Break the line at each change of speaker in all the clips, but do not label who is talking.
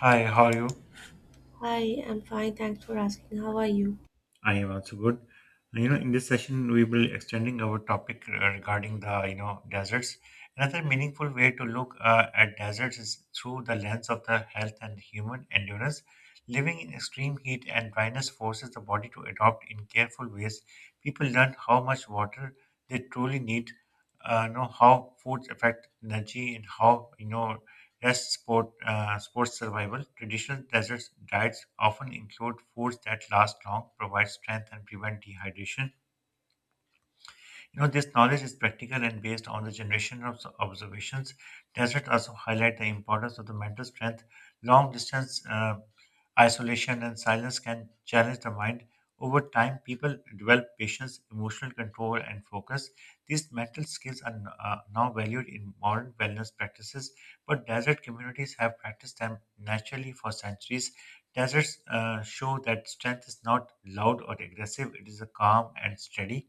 Hi, how are you?
Hi, I'm fine. Thanks for asking. How are you?
I am also good. In this session, we will extending our topic regarding the deserts. Another meaningful way to look at deserts is through the lens of the health and human endurance. Living in extreme heat and dryness forces the body to adopt in careful ways. People learn how much water they truly need, know how foods affect energy, and how you know. Rest, sport, sports survival. Traditional desert diets often include foods that last long, provide strength, and prevent dehydration. This knowledge is practical and based on the generation of observations. Deserts also highlight the importance of the mental strength. Long distance Isolation and silence can challenge the mind. Over time, people develop patience, emotional control, and focus. These mental skills are now valued in modern wellness practices, but desert communities have practiced them naturally for centuries. Deserts show that strength is not loud or aggressive, it is a calm and steady.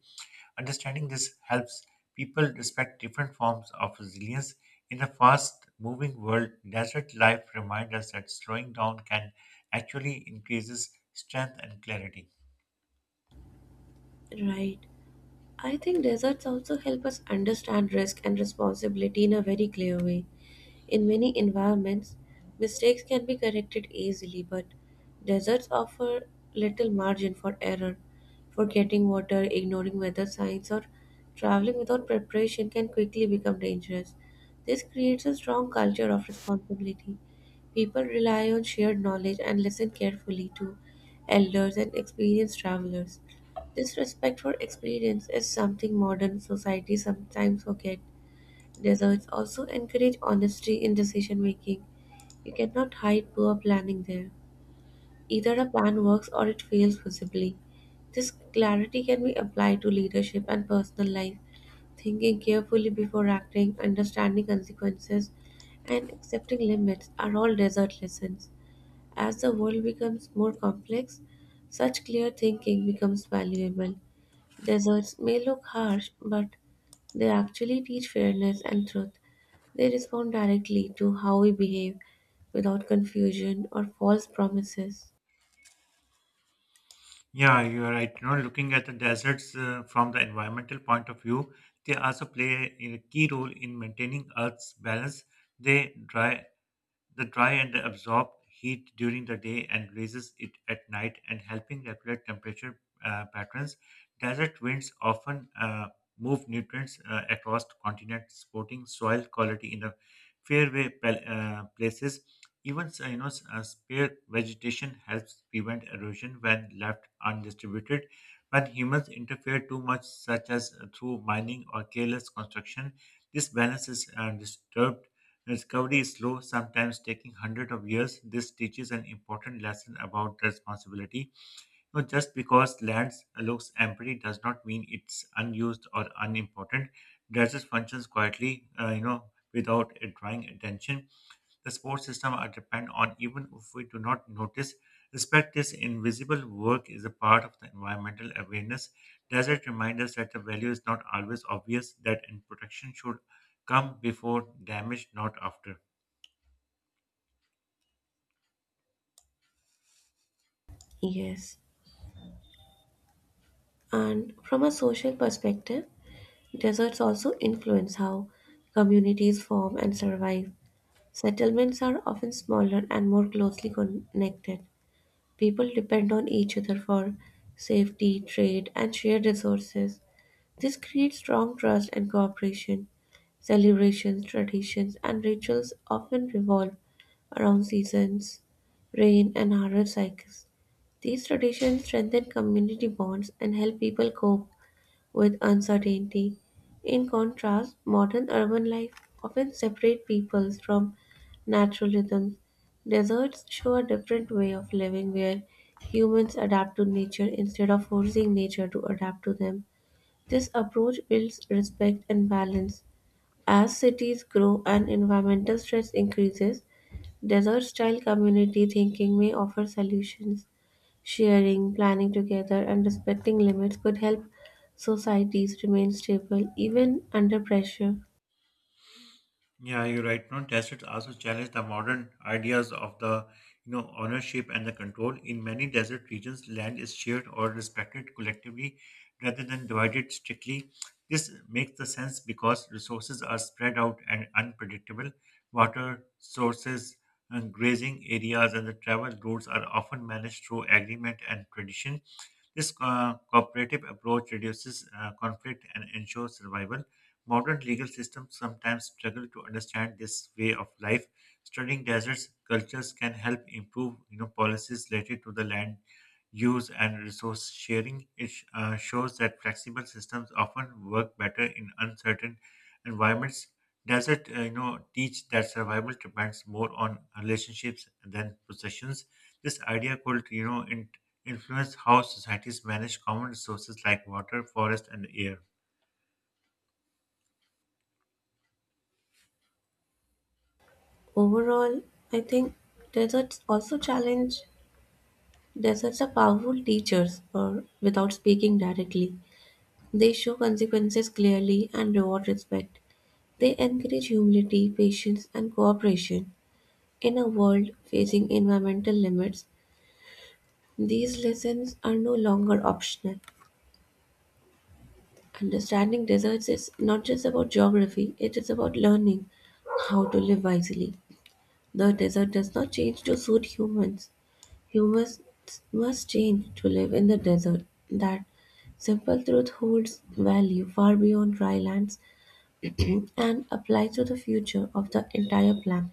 Understanding this helps people respect different forms of resilience. In a fast moving world, desert life reminds us that slowing down can actually increases strength and clarity.
Right. I think deserts also help us understand risk and responsibility in a very clear way. In many environments, mistakes can be corrected easily, but deserts offer little margin for error. Forgetting water, ignoring weather signs, or traveling without preparation can quickly become dangerous. This creates a strong culture of responsibility. People rely on shared knowledge and listen carefully to elders and experienced travelers. This respect for experience is something modern society sometimes forget. Deserts also encourage honesty in decision making. You cannot hide poor planning there. Either a plan works or it fails visibly. This clarity can be applied to leadership and personal life, thinking carefully before acting, understanding consequences, and accepting limits are all desert lessons. As the world becomes more complex, such clear thinking becomes valuable. Deserts may look harsh, but they actually teach fairness and truth. They respond directly to how we behave without confusion or false promises.
Yeah, you're right. Looking at the deserts from the environmental point of view, they also play a key role in maintaining Earth's balance. They dry the dry and absorb heat during the day and releases it at night and helping regulate temperature patterns. Desert winds often move nutrients across continents, supporting soil quality in the places. Even spare vegetation helps prevent erosion when left undistributed. When humans interfere too much, such as through mining or careless construction, this balance is disturbed. Discovery is slow, sometimes taking hundreds of years. This teaches an important lesson about responsibility. Just because land looks empty does not mean it's unused or unimportant. Deserts functions quietly, without it drawing attention. The support system are depend on even if we do not notice. Respect this invisible work is a part of the environmental awareness. Desert reminds us that the value is not always obvious, that and protection should come before damage, not after.
Yes. And from a social perspective, deserts also influence how communities form and survive. Settlements are often smaller and more closely connected. People depend on each other for safety, trade, and shared resources. This creates strong trust and cooperation. Celebrations, traditions, and rituals often revolve around seasons, rain, and harvest cycles. These traditions strengthen community bonds and help people cope with uncertainty. In contrast, modern urban life often separates peoples from natural rhythms. Deserts show a different way of living where humans adapt to nature instead of forcing nature to adapt to them. This approach builds respect and balance. As cities grow and environmental stress increases, desert style community thinking may offer solutions. Sharing, planning together, and respecting limits could help societies remain stable even under pressure.
Yeah, you're right. No, deserts also challenge the modern ideas of the ownership and the control. In many desert regions, land is shared or respected collectively rather than divided strictly. This makes the sense because resources are spread out and unpredictable. Water sources and grazing areas and the travel routes are often managed through agreement and tradition. This cooperative approach reduces conflict and ensures survival. Modern legal systems sometimes struggle to understand this way of life. Studying deserts cultures can help improve policies related to the land use and resource sharing. It shows that flexible systems often work better in uncertain environments. Desert, teach that survival depends more on relationships than possessions. This idea could, you know, in influence how societies manage common resources like water, forest, and air.
Overall, I think deserts also challenge deserts are powerful teachers or without speaking directly. They show consequences clearly and reward respect. They encourage humility, patience, and cooperation. In a world facing environmental limits, these lessons are no longer optional. Understanding deserts is not just about geography, it is about learning how to live wisely. The desert does not change to suit humans. Humans must change to live in the desert. That simple truth holds value far beyond dry lands and applies to the future of the entire planet.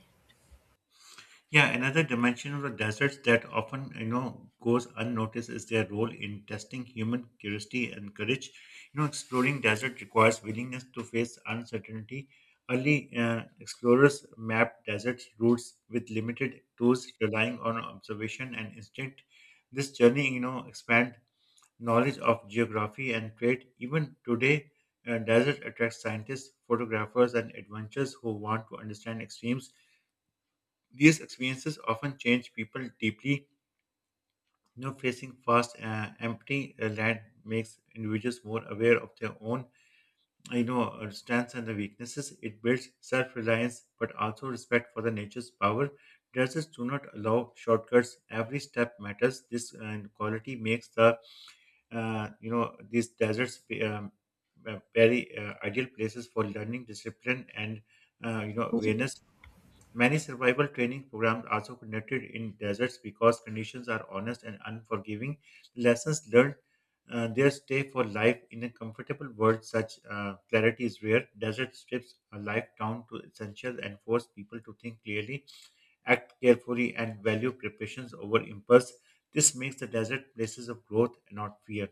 Yeah, another dimension of the deserts that often goes unnoticed is their role in testing human curiosity and courage. Exploring desert requires willingness to face uncertainty. Early explorers mapped desert routes with limited tools, relying on observation and instinct. This journey, expand knowledge of geography and trade. Even today, desert attracts scientists, photographers, and adventurers who want to understand extremes. These experiences often change people deeply. Facing vast, empty land makes individuals more aware of their own, strengths and the weaknesses. It builds self-reliance, but also respect for the nature's power. Deserts do not allow shortcuts. Every step matters. This quality makes the these deserts very ideal places for learning discipline and awareness. Many survival training programs also conducted in deserts because conditions are honest and unforgiving. Lessons learned their stay for life. In a comfortable world such clarity is rare. Desert strips a life down to essentials and force people to think clearly, act carefully, and value preparations over impulse. This makes the desert places of growth, not fear.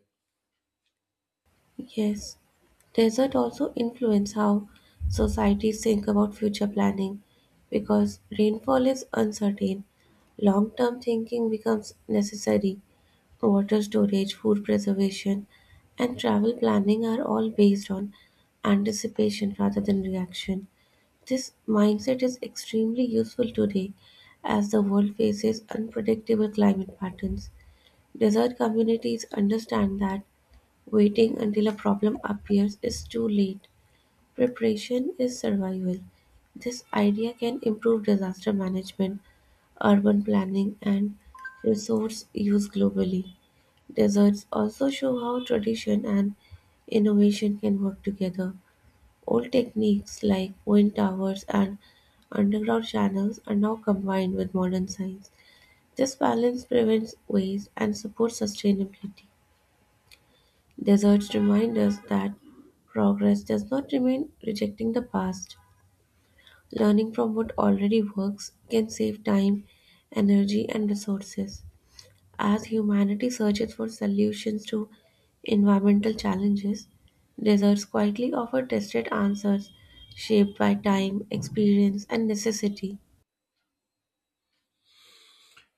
Yes, desert also influence how societies think about future planning because rainfall is uncertain. Long-term thinking becomes necessary. Water storage, food preservation, and travel planning are all based on anticipation rather than reaction. This mindset is extremely useful today as the world faces unpredictable climate patterns. Desert communities understand that waiting until a problem appears is too late; preparation is survival. This idea can improve disaster management, urban planning, and resource use globally. Deserts also show how tradition and innovation can work together. Old techniques like wind towers and underground channels are now combined with modern science. This balance prevents waste and supports sustainability. Deserts remind us that progress does not remain rejecting the past. Learning from what already works can save time, energy, and resources. As humanity searches for solutions to environmental challenges, deserts quietly offer tested answers shaped by time, experience, and necessity.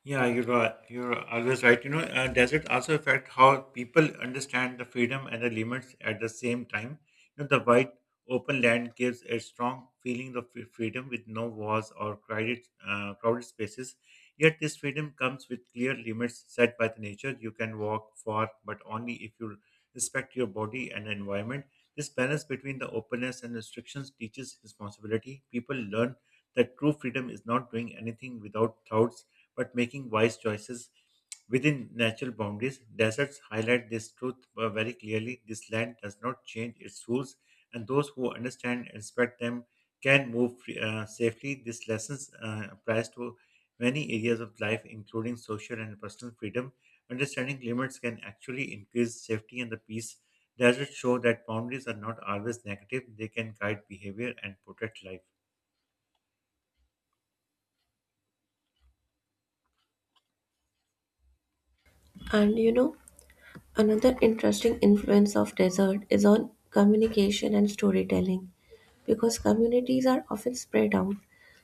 Yeah, you're right. You're always right. Desert also affect how people understand the freedom and the limits at the same time. The wide open land gives a strong feeling of freedom with no walls or crowded spaces. Yet this freedom comes with clear limits set by the nature. You can walk far, but only if you respect your body and environment. This balance between the openness and restrictions teaches responsibility. People learn that true freedom is not doing anything without thoughts but making wise choices within natural boundaries. Deserts highlight this truth very clearly. This land does not change its rules, and those who understand and respect them can move safely. This lesson applies to many areas of life, including social and personal freedom. Understanding limits can actually increase safety and the peace. Deserts show that boundaries are not always negative, they can guide behavior and protect life.
And you know, another interesting influence of desert is on communication and storytelling. Because communities are often spread out,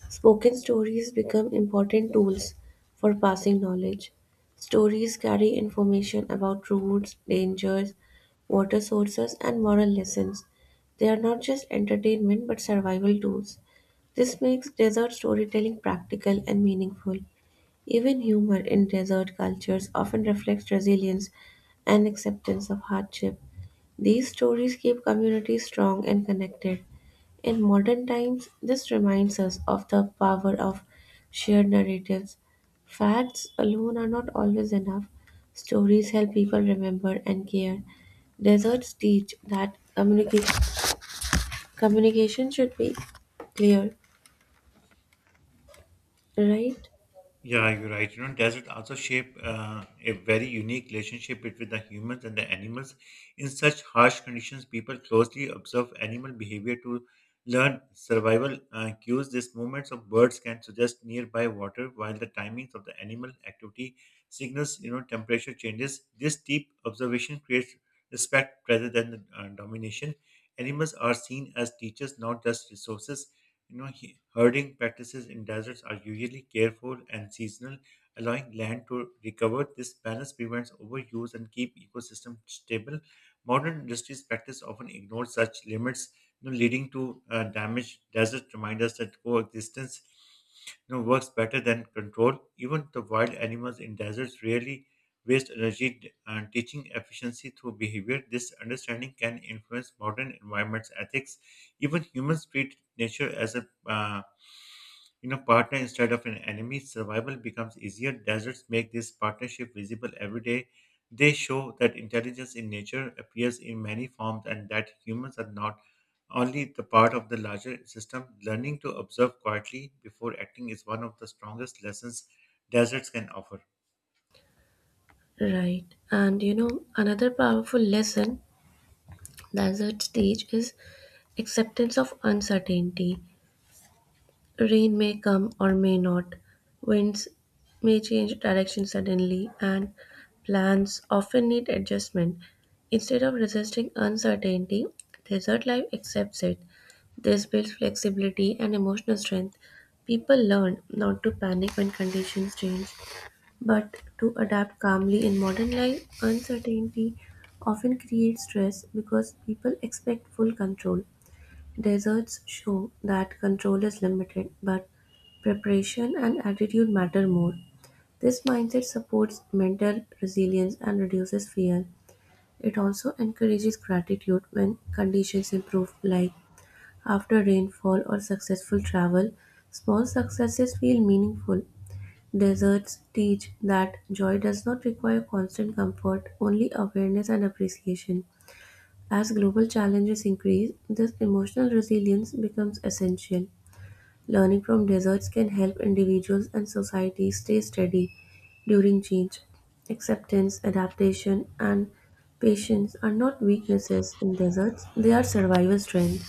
spoken stories become important tools for passing knowledge. Stories carry information about routes, dangers, water sources, and moral lessons. They are not just entertainment but survival tools. This makes desert storytelling practical and meaningful. Even humor in desert cultures often reflects resilience and acceptance of hardship. These stories keep communities strong and connected. In modern times, this reminds us of the power of shared narratives. Facts alone are not always enough. Stories help people remember and care. Deserts teach that communication should be clear, right?
Yeah, you're right. Desert also shape a very unique relationship between the humans and the animals. In such harsh conditions, people closely observe animal behavior to learn survival cues. These movements of birds can suggest nearby water, while the timings of the animal activity signals, temperature changes. This deep observation creates respect rather than domination. Animals are seen as teachers, not just resources. Herding practices in deserts are usually careful and seasonal, allowing land to recover. This balance prevents overuse and keep ecosystem stable. Modern industries practice often ignore such limits, leading to damage. Deserts remind us that coexistence works better than control. Even the wild animals in deserts rarely waste energy and teaching efficiency through behavior. This understanding can influence modern environment's ethics. Even humans treat nature as a partner instead of an enemy. Survival becomes easier. Deserts make this partnership visible every day. They show that intelligence in nature appears in many forms and that humans are not only the part of the larger system. Learning to observe quietly before acting is one of the strongest lessons deserts can offer.
Right. And you know, another powerful lesson deserts teach is acceptance of uncertainty. Rain may come or may not, winds may change direction suddenly, and plans often need adjustment. Instead of resisting uncertainty, desert life accepts it. This builds flexibility and emotional strength. People learn not to panic when conditions change, but to adapt calmly in modern life. Uncertainty often creates stress because people expect full control. Deserts show that control is limited, but preparation and attitude matter more. This mindset supports mental resilience and reduces fear. It also encourages gratitude when conditions improve, like after rainfall or successful travel. Small successes feel meaningful. Deserts teach that joy does not require constant comfort, only awareness and appreciation. As global challenges increase, this emotional resilience becomes essential. Learning from deserts can help individuals and societies stay steady during change. Acceptance, adaptation, and patience are not weaknesses in deserts, they are survival strength.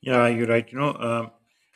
Yeah, you're right.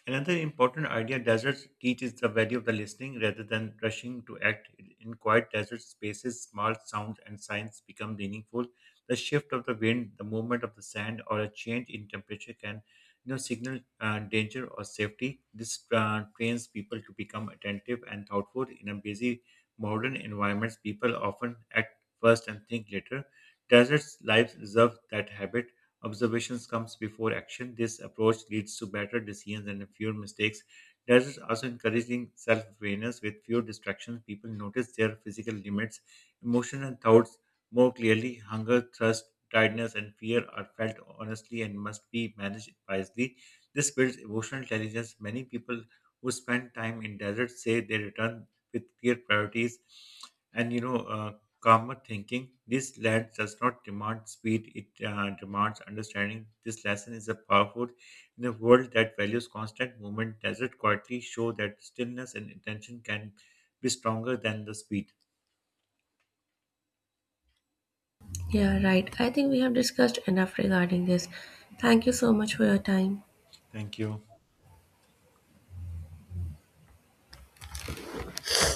Another important idea deserts teach is the value of the listening rather than rushing to act. In quiet desert spaces, small sounds and signs become meaningful. The shift of the wind, the movement of the sand, or a change in temperature can, signal danger or safety. This trains people to become attentive and thoughtful. In a busy modern environments, people often act first and think later. Deserts lives deserve that habit. Observations comes before action. This approach leads to better decisions and fewer mistakes. Deserts also encouraging self-awareness with fewer distractions. People notice their physical limits, emotions, and thoughts more clearly. Hunger, thirst, tiredness, and fear are felt honestly and must be managed wisely. This builds emotional intelligence. Many people who spend time in deserts say they return with clear priorities and calmer thinking. This lad does not demand speed, it demands understanding. This lesson is a powerful in a world that values constant movement. Desert it quietly show that stillness and attention can be stronger than the speed?
Yeah, right. I think we have discussed enough regarding this. Thank you so much for your time.
Thank you.